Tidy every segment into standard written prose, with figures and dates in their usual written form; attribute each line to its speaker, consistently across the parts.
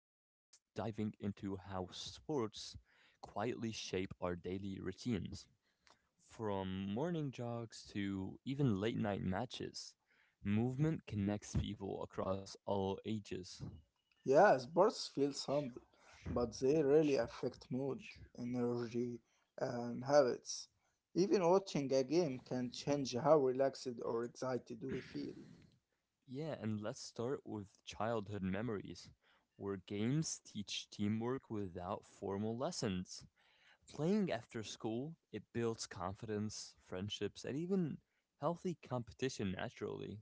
Speaker 1: diving into how sports quietly shape our daily routines. From morning jogs to even late night matches, movement connects people across all ages.
Speaker 2: Yeah, sports feel simple, but they really affect mood, energy, and habits. Even watching a game can change how relaxed or excited we feel.
Speaker 1: Yeah, and let's start with childhood memories, where games teach teamwork without formal lessons. Playing after school, it builds confidence, friendships, and even healthy competition naturally.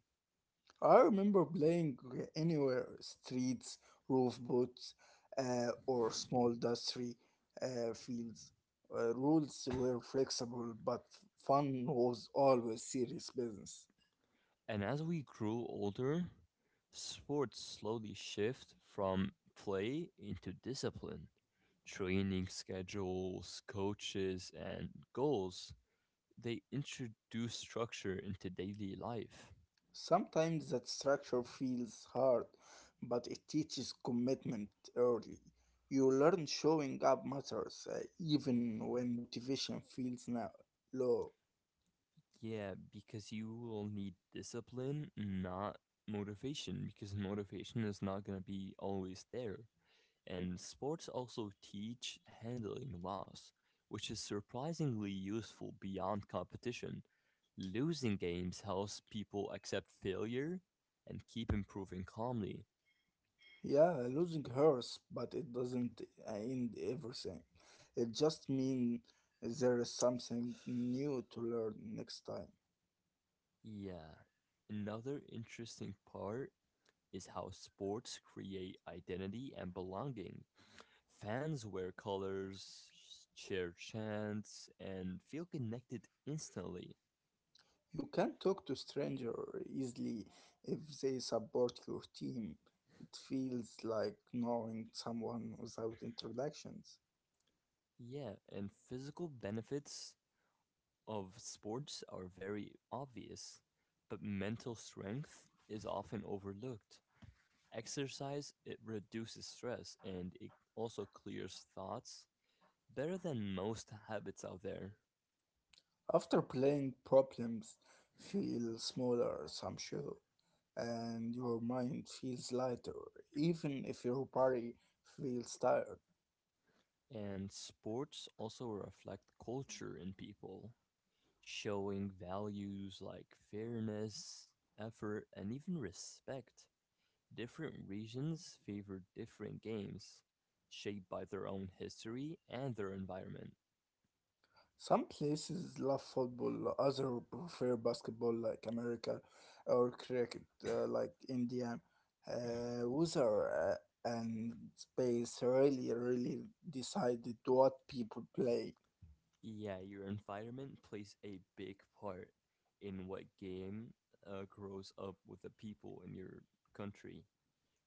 Speaker 2: I remember playing anywhere streets, roof boots, or small dusty fields. Rules were flexible, but fun was always serious business.
Speaker 1: And as we grew older, sports slowly shift from play into discipline. Training schedules, coaches, and goals, they introduce structure into daily life.
Speaker 2: Sometimes that structure feels hard, but it teaches commitment early. You learn showing up matters, even when motivation feels now low.
Speaker 1: Yeah, because you will need discipline, not motivation, because motivation is not going to be always there. And sports also teach handling loss, which is surprisingly useful beyond competition. Losing games helps people accept failure and keep improving calmly.
Speaker 2: Yeah, losing hurts, but it doesn't end everything. It just means there is something new to learn next time.
Speaker 1: Yeah, another interesting part is how sports create identity and belonging. Fans wear colors, share chants, and feel connected instantly.
Speaker 2: You can talk to stranger easily if they support your team. It feels like knowing someone without introductions.
Speaker 1: Yeah, and physical benefits of sports are very obvious, but mental strength is often overlooked. Exercise, it reduces stress and it also clears thoughts better than most habits out there.
Speaker 2: After playing, problems feel smaller, some show, and your mind feels lighter, even if your body feels tired.
Speaker 1: And sports also reflect culture in people, showing values like fairness, effort, and even respect. Different regions favor different games, shaped by their own history and their environment.
Speaker 2: Some places love football, others prefer basketball, like America, or cricket, like India. Weather and space really, really decided what people play.
Speaker 1: Yeah, your environment plays a big part in what game grows up with the people in your country.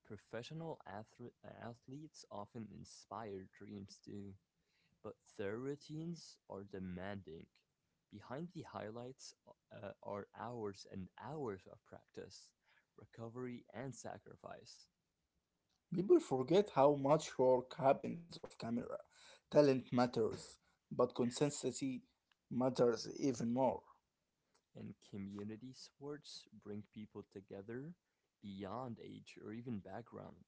Speaker 1: Professional athletes often inspire dreams too, but their routines are demanding. Behind the highlights are hours and hours of practice, recovery, and sacrifice.
Speaker 2: People forget how much work happens off camera. Talent matters, but consistency matters even more.
Speaker 1: And community sports bring people together beyond age or even background.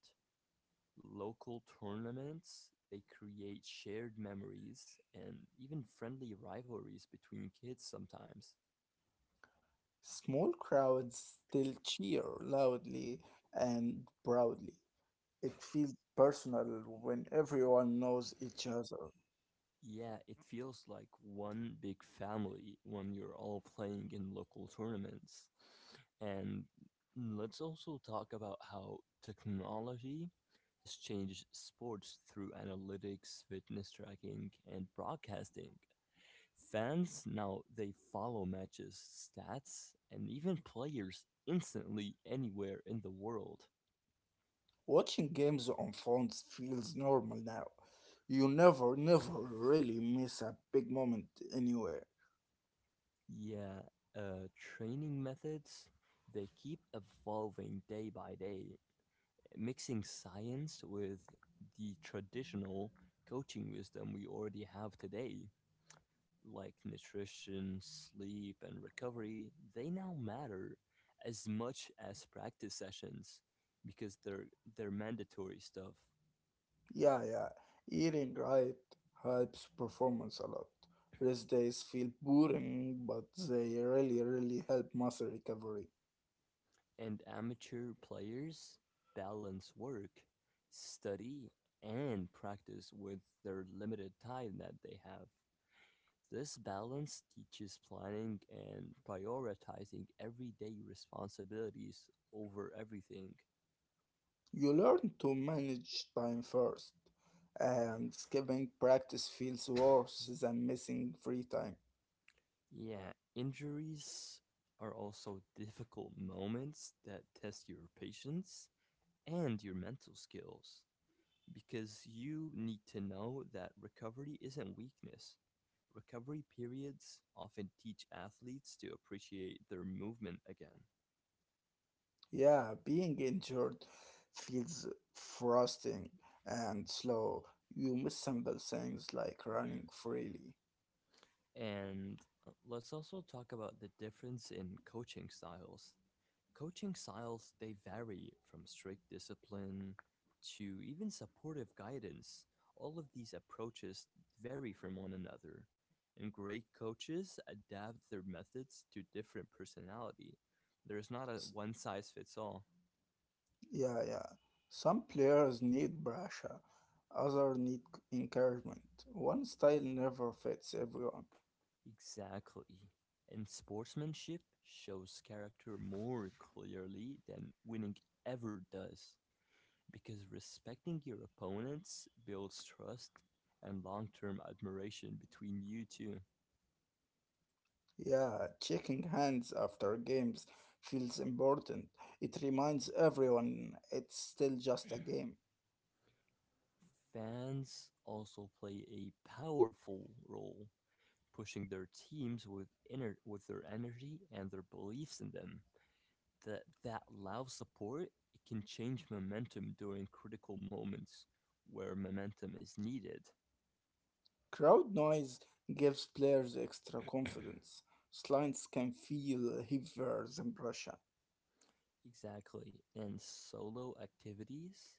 Speaker 1: Local tournaments. They create shared memories and even friendly rivalries between kids sometimes.
Speaker 2: Small crowds still cheer loudly and proudly. It feels personal when everyone knows each other.
Speaker 1: Yeah, it feels like one big family when you're all playing in local tournaments. And let's also talk about how technology has changed sports through analytics, fitness tracking, and broadcasting. Fans now they follow matches, stats, and even players instantly anywhere in the world.
Speaker 2: Watching games on phones feels normal now. You never really miss a big moment anywhere.
Speaker 1: Yeah, uh, training methods they keep evolving day by day, mixing science with the traditional coaching wisdom we already have today, like nutrition, sleep, and recovery. They now matter as much as practice sessions because they're mandatory stuff.
Speaker 2: Yeah, yeah. Eating right helps performance a lot. Rest days feel boring, but they really, really help muscle recovery.
Speaker 1: And amateur players balance work, study, and practice with their limited time that they have. This balance teaches planning and prioritizing everyday responsibilities over everything.
Speaker 2: You learn to manage time first, and skipping practice feels worse than missing free time.
Speaker 1: Yeah, injuries are also difficult moments that test your patience and your mental skills because you need to know that recovery isn't weakness. Recovery periods often teach athletes to appreciate their movement again.
Speaker 2: Yeah, being injured feels frosting and slow. You miss simple things like running freely.
Speaker 1: And let's also talk about the difference in coaching styles. Coaching styles, they vary from strict discipline to even supportive guidance. All of these approaches vary from one another, and great coaches adapt their methods to different personality. There's not a
Speaker 2: S-
Speaker 1: one size fits all.
Speaker 2: Yeah, yeah. Some players need pressure, others need encouragement. One style never fits everyone.
Speaker 1: Exactly. And sportsmanship shows character more clearly than winning ever does, because respecting your opponents builds trust and long term admiration between you two.
Speaker 2: Yeah, shaking hands after games feels important. It reminds everyone it's still just a game.
Speaker 1: Fans also play a powerful role, pushing their teams with, inner, with their energy and their beliefs in them. That loud support it can change momentum during critical moments where momentum is needed.
Speaker 2: Crowd noise gives players extra confidence. Slides can feel heavier than pressure.
Speaker 1: Exactly. And solo activities,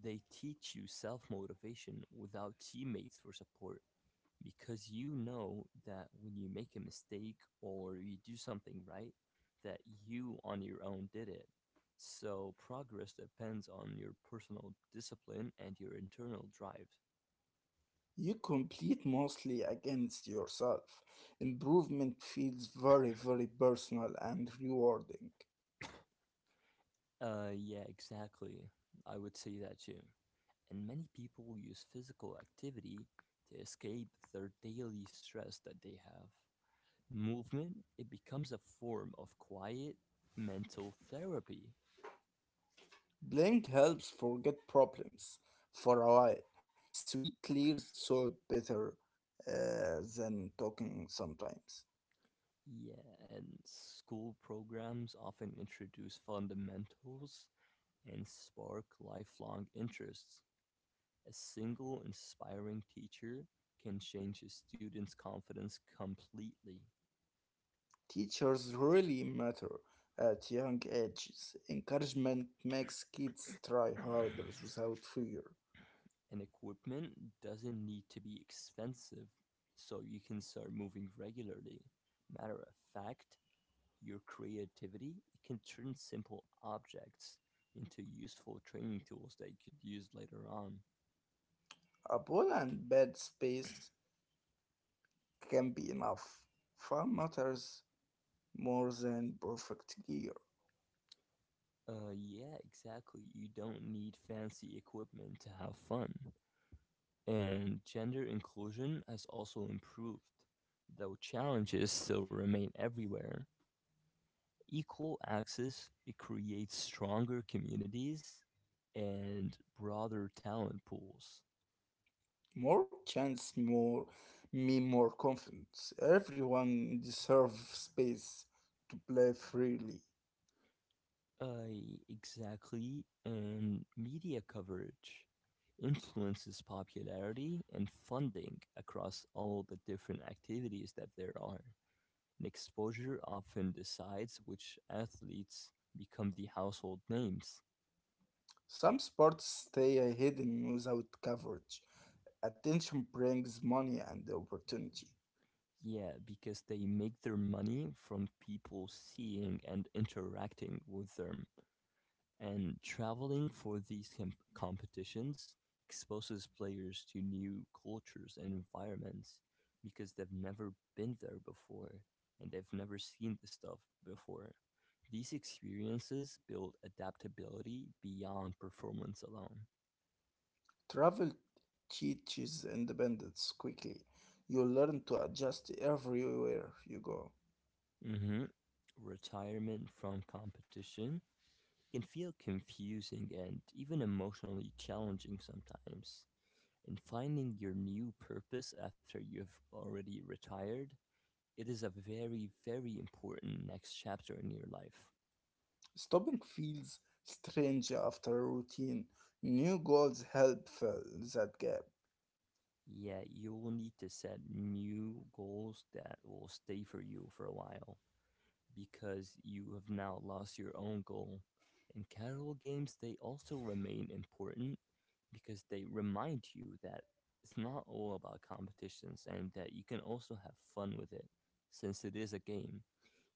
Speaker 1: they teach you self motivation without teammates for support because you know that when you make a mistake or you do something right, that you on your own did it. So progress depends on your personal discipline and your internal drive.
Speaker 2: You compete mostly against yourself. Improvement feels very, very personal and rewarding.
Speaker 1: Yeah, exactly. I would say that too. And many people use physical activity to escape their daily stress that they have. Movement, it becomes a form of quiet mental therapy.
Speaker 2: Playing helps forget problems for a while. Sweet clears thought better than talking sometimes.
Speaker 1: Yeah, and school programs often introduce fundamentals and spark lifelong interests. A single inspiring teacher can change a student's confidence completely.
Speaker 2: Teachers really matter at young ages. Encouragement makes kids try harder without fear.
Speaker 1: And equipment doesn't need to be expensive so you can start moving regularly. Matter of fact, your creativity it can turn simple objects into useful training tools that you could use later on.
Speaker 2: A ball and bad space can be enough. Fun matters more than perfect gear.
Speaker 1: Yeah, exactly. You don't need fancy equipment to have fun. And gender inclusion has also improved, though challenges still remain everywhere. Equal access it creates stronger communities and broader talent pools.
Speaker 2: More chance, more me, more confidence. Everyone deserves space to play freely.
Speaker 1: Uh, exactly, and media coverage influences popularity and funding across all the different activities that there are. And exposure often decides which athletes become the household names.
Speaker 2: Some sports stay hidden without coverage. Attention brings money and opportunity.
Speaker 1: Yeah, because they make their money from people seeing and interacting with them. And traveling for these competitions exposes players to new cultures and environments because they've never been there before and they've never seen this stuff before. These experiences build adaptability beyond performance alone.
Speaker 2: Travel teaches independence quickly. You learn to adjust everywhere you go.
Speaker 1: Hmm. Retirement from competition can feel confusing and even emotionally challenging sometimes. And finding your new purpose after you've already retired, it is a very, very important next chapter in your life.
Speaker 2: Stopping feels strange after a routine. New goals help fill that gap.
Speaker 1: Yeah, you will need to set new goals that will stay for you for a while because you have now lost your own goal. In casual games, they also remain important because they remind you that it's not all about competitions and that you can also have fun with it since it is a game.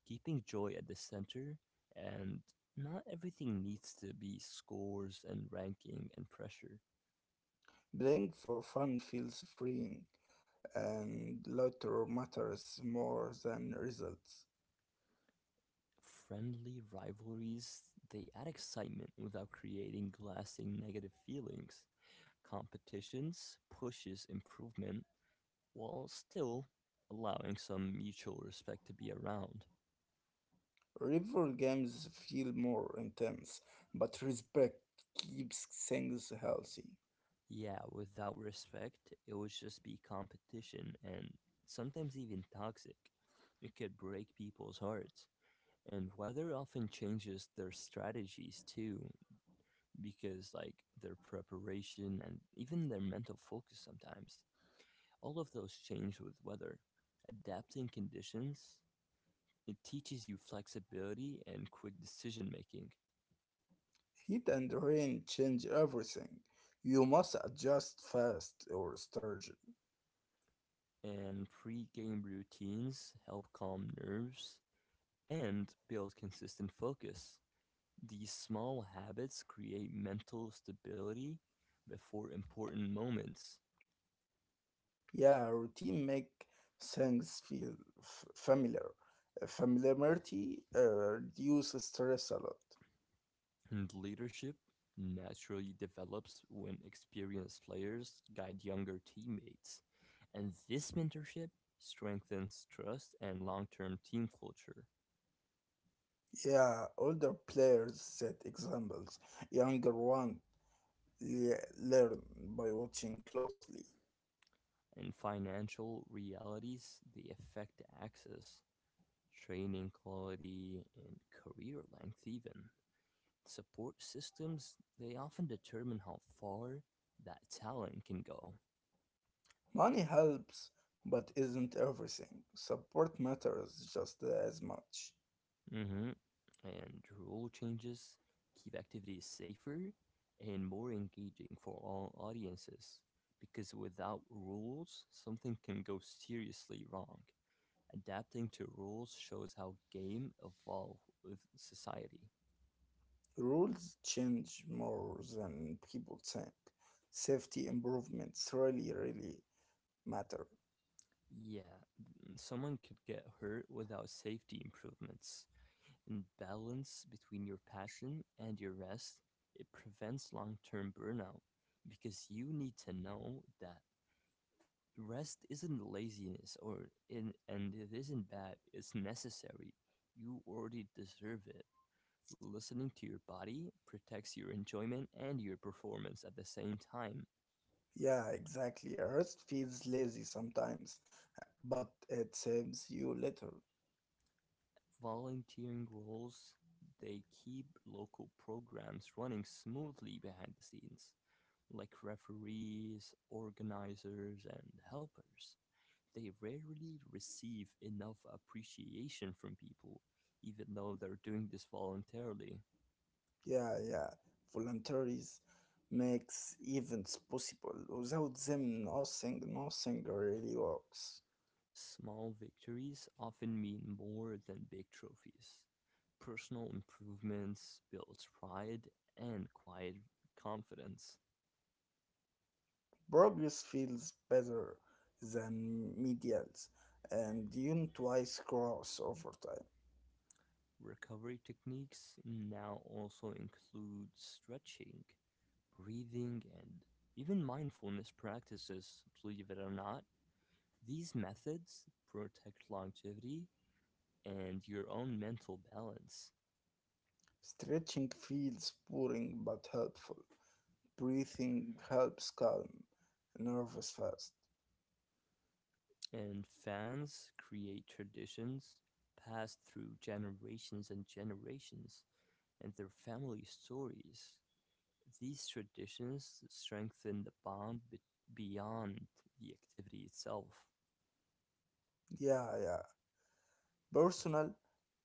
Speaker 1: Keeping joy at the center, and not everything needs to be scores and ranking and pressure.
Speaker 2: Playing for fun feels freeing, and laughter matters more than results.
Speaker 1: Friendly rivalries, they add excitement without creating lasting negative feelings. Competitions pushes improvement while still allowing some mutual respect to be around.
Speaker 2: Rival games feel more intense, but respect keeps things healthy.
Speaker 1: Yeah, without respect, it would just be competition and sometimes even toxic. It could break people's hearts. And weather often changes their strategies too because like their preparation and even their mental focus sometimes all of those change with weather adapting conditions it teaches you flexibility and quick decision making.
Speaker 2: Heat and rain change everything. You must adjust fast or sturgeon.
Speaker 1: And pre-game routines help calm nerves and build consistent focus. These small habits create mental stability before important moments.
Speaker 2: Yeah, routine make things feel familiar. Familiarity reduces stress a lot.
Speaker 1: And leadership naturally develops when experienced players guide younger teammates. And this mentorship strengthens trust and long term team culture.
Speaker 2: Yeah, older players set examples. Younger ones learn by watching closely.
Speaker 1: In financial realities, they affect access, training quality, and career length, even. Support systems, they often determine how far that talent can go.
Speaker 2: Money helps, but isn't everything. Support matters just as much.
Speaker 1: Hmm. And rule changes keep activities safer and more engaging for all audiences because without rules, something can go seriously wrong. Adapting to rules shows how game evolve with society.
Speaker 2: Rules change more than people think. Safety improvements really, really matter.
Speaker 1: Yeah, someone could get hurt without safety improvements. And balance between your passion and your rest, it prevents long-term burnout because you need to know that rest isn't laziness or in and it isn't bad. It's necessary. You already deserve it. Listening to your body protects your enjoyment and your performance at the same time.
Speaker 2: Yeah, exactly. A rest feels lazy sometimes, but it saves you later.
Speaker 1: Volunteering roles they keep local programs running smoothly behind the scenes, like referees, organizers, and helpers. They rarely receive enough appreciation from people, even though they're doing this voluntarily.
Speaker 2: Yeah, yeah. Voluntaries makes events possible. Without them, nothing really works.
Speaker 1: Small victories often mean more than big trophies. Personal improvements builds pride and quiet confidence.
Speaker 2: Progress feels better than medials, and you twice cross over time.
Speaker 1: Recovery techniques now also include stretching, breathing, and even mindfulness practices, believe it or not. These methods protect longevity and your own mental balance.
Speaker 2: Stretching feels boring but helpful. Breathing helps calm nervous fast.
Speaker 1: And fans create traditions passed through generations and generations and their family stories. These traditions strengthen the bond beyond the activity itself.
Speaker 2: Yeah, yeah. Personal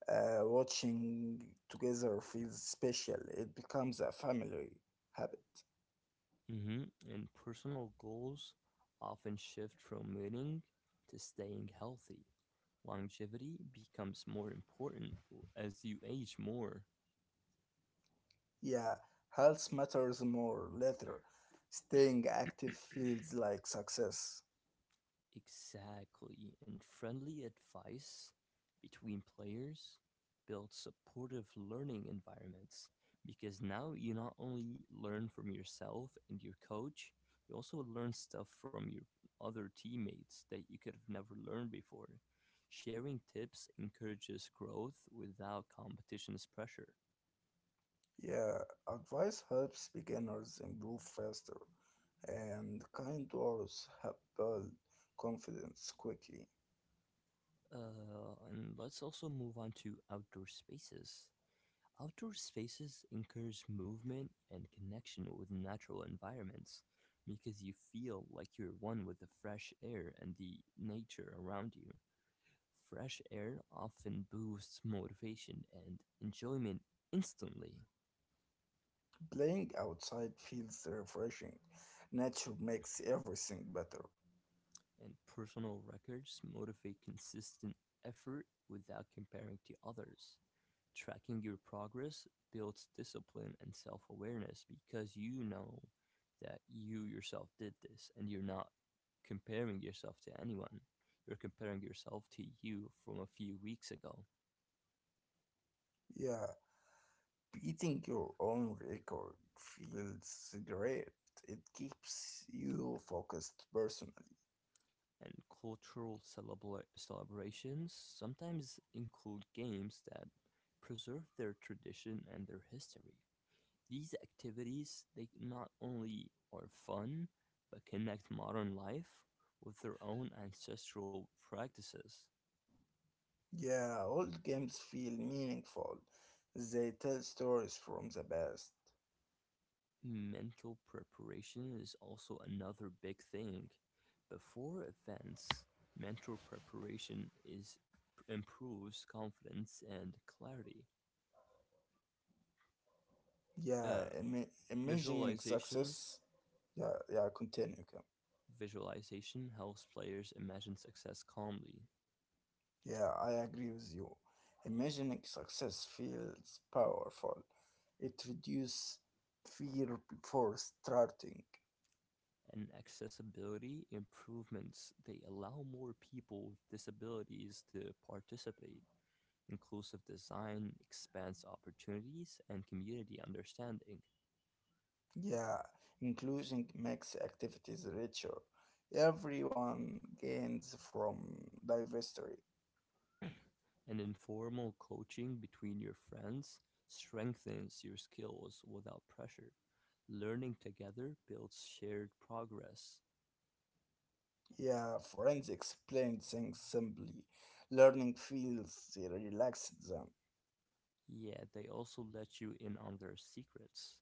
Speaker 2: watching together feels special. It becomes a family habit.
Speaker 1: Hmm. And personal goals often shift from winning to staying healthy. Longevity becomes more important as you age more.
Speaker 2: Yeah, health matters more later. Staying active feels like success.
Speaker 1: Exactly. And friendly advice between players builds supportive learning environments because now you not only learn from yourself and your coach, you also learn stuff from your other teammates that you could have never learned before. Sharing tips encourages growth without competition's pressure.
Speaker 2: Yeah, advice helps beginners improve faster, and kind words help build confidence quickly.
Speaker 1: And let's also move on to outdoor spaces. Outdoor spaces encourage movement and connection with natural environments because you feel like you're one with the fresh air and the nature around you. Fresh air often boosts motivation and enjoyment instantly,
Speaker 2: Playing outside feels refreshing. Nature makes everything better.
Speaker 1: and personal records motivate consistent effort without comparing to others. Tracking your progress builds discipline and self awareness because you know that you yourself did this and you're not comparing yourself to anyone. You're comparing yourself to you from a few weeks ago.
Speaker 2: Yeah, beating your own record feels great. It keeps you focused personally.
Speaker 1: And cultural celebrations sometimes include games that preserve their tradition and their history. These activities they not only are fun but connect modern life with their own ancestral practices.
Speaker 2: Yeah, old games feel meaningful. They tell stories from the past.
Speaker 1: Mental preparation is also another big thing. Before events, mental preparation is improves confidence and clarity.
Speaker 2: Yeah,
Speaker 1: Uh,
Speaker 2: imagining
Speaker 1: visualizations
Speaker 2: success. Yeah, yeah, continue.
Speaker 1: visualization helps players imagine success calmly
Speaker 2: Yeah, I agree with you. Imagining success feels powerful. It reduces fear before starting.
Speaker 1: and accessibility improvements, they allow more people with disabilities to participate. Inclusive design expands opportunities and community understanding,
Speaker 2: Yeah, inclusion makes activities richer. Everyone gains from diversity.
Speaker 1: and informal coaching between your friends strengthens your skills without pressure. Learning together builds shared progress.
Speaker 2: Yeah, friends explain things simply. Learning feels relaxed them.
Speaker 1: Yeah, they also let you in on their secrets.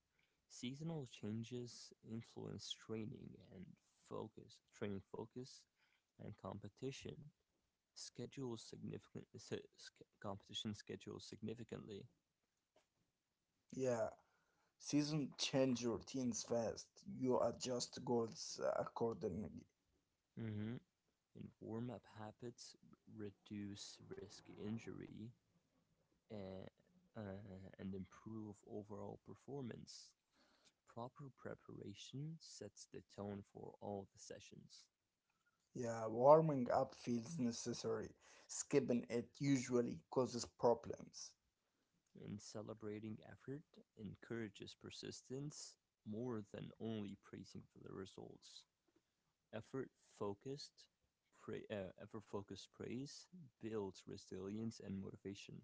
Speaker 1: Seasonal changes influence training and focus, training focus and competition. Schedule significant competition schedule significantly.
Speaker 2: Yeah, seasons change routines fast. You adjust goals accordingly.
Speaker 1: Hmm. And warm up habits reduce risk injury and and improve overall performance. Proper preparation sets the tone for all the sessions.
Speaker 2: Yeah, warming up feels necessary. Skipping it usually causes problems.
Speaker 1: In celebrating effort encourages persistence more than only praising for the results. Effort focused, effort focused praise builds resilience and motivation.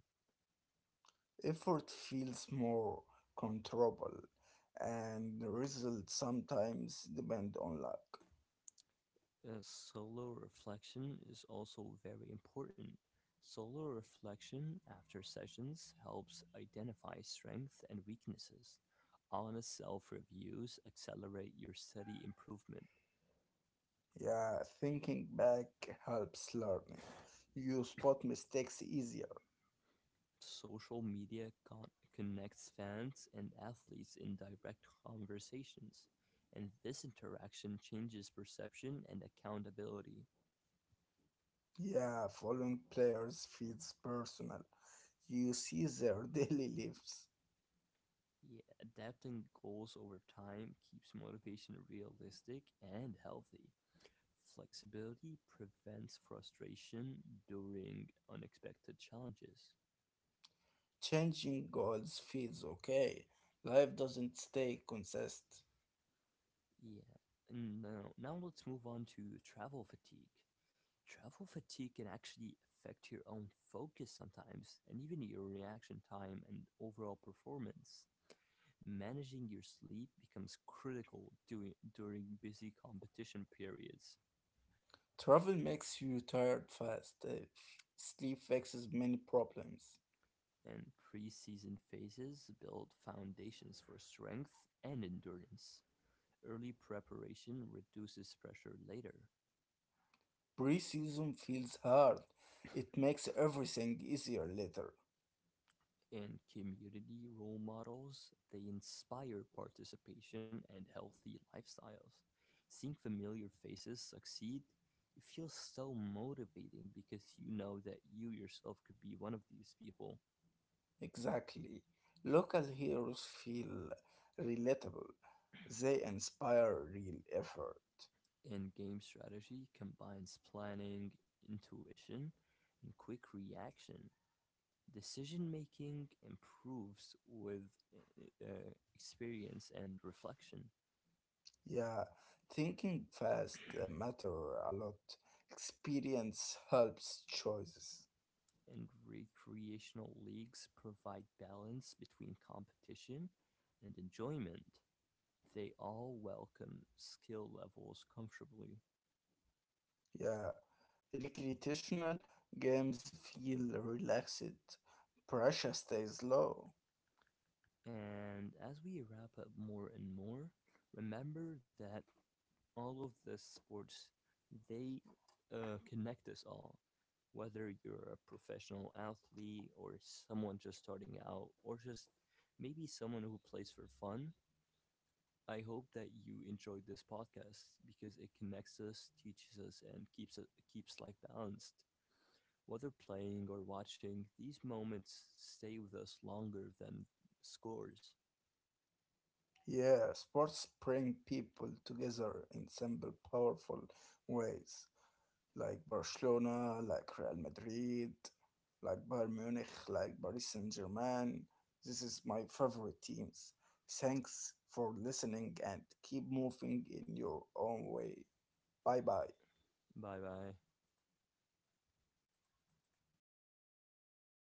Speaker 2: Effort feels more controllable, and the results sometimes depend on luck.
Speaker 1: Solo reflection is also very important. Solo reflection after sessions helps identify strengths and weaknesses. Honest self reviews accelerate your steady improvement.
Speaker 2: Yeah, thinking back helps learning. You spot mistakes easier.
Speaker 1: Social media connects fans and athletes in direct conversations, and this interaction changes perception and accountability.
Speaker 2: Yeah, following players feels personal. You see their daily lives.
Speaker 1: Yeah, adapting goals over time keeps motivation realistic and healthy. Flexibility prevents frustration during unexpected challenges.
Speaker 2: Changing goals feels okay. Life doesn't stay consistent.
Speaker 1: Yeah. Now let's move on to travel fatigue. Travel fatigue can actually affect your own focus sometimes, and even your reaction time and overall performance. Managing your sleep becomes critical during busy competition periods,
Speaker 2: Travel makes you tired fast. Sleep fixes many problems.
Speaker 1: and preseason phases build foundations for strength and endurance. Early preparation reduces pressure later.
Speaker 2: Pre-season feels hard. It makes everything easier later.
Speaker 1: And community role models, they inspire participation and healthy lifestyles. Seeing familiar faces succeed, it feels so motivating because you know that you yourself could be one of these people.
Speaker 2: Exactly. Local heroes feel relatable. They inspire real effort.
Speaker 1: And game strategy combines planning, intuition, and quick reaction. Decision making improves with experience and reflection.
Speaker 2: Yeah, thinking fast matter a lot. Experience helps choices.
Speaker 1: And recreational leagues provide balance between competition and enjoyment. They all welcome skill levels comfortably.
Speaker 2: Yeah. Recreational games feel relaxed, pressure stays low.
Speaker 1: And as we wrap up more and more, remember that all of the sports they connect us all. Whether you're a professional athlete or someone just starting out, or just maybe someone who plays for fun, I hope that you enjoyed this podcast because it connects us, teaches us, and keeps life balanced. Whether playing or watching, these moments stay with us longer than scores.
Speaker 2: Yeah, sports bring people together in simple, powerful ways, like Barcelona, like Real Madrid, like Bayern Munich, like Paris Saint Germain. This is my favorite teams. Thanks for listening and keep moving in your own way. Bye bye.
Speaker 1: Bye bye.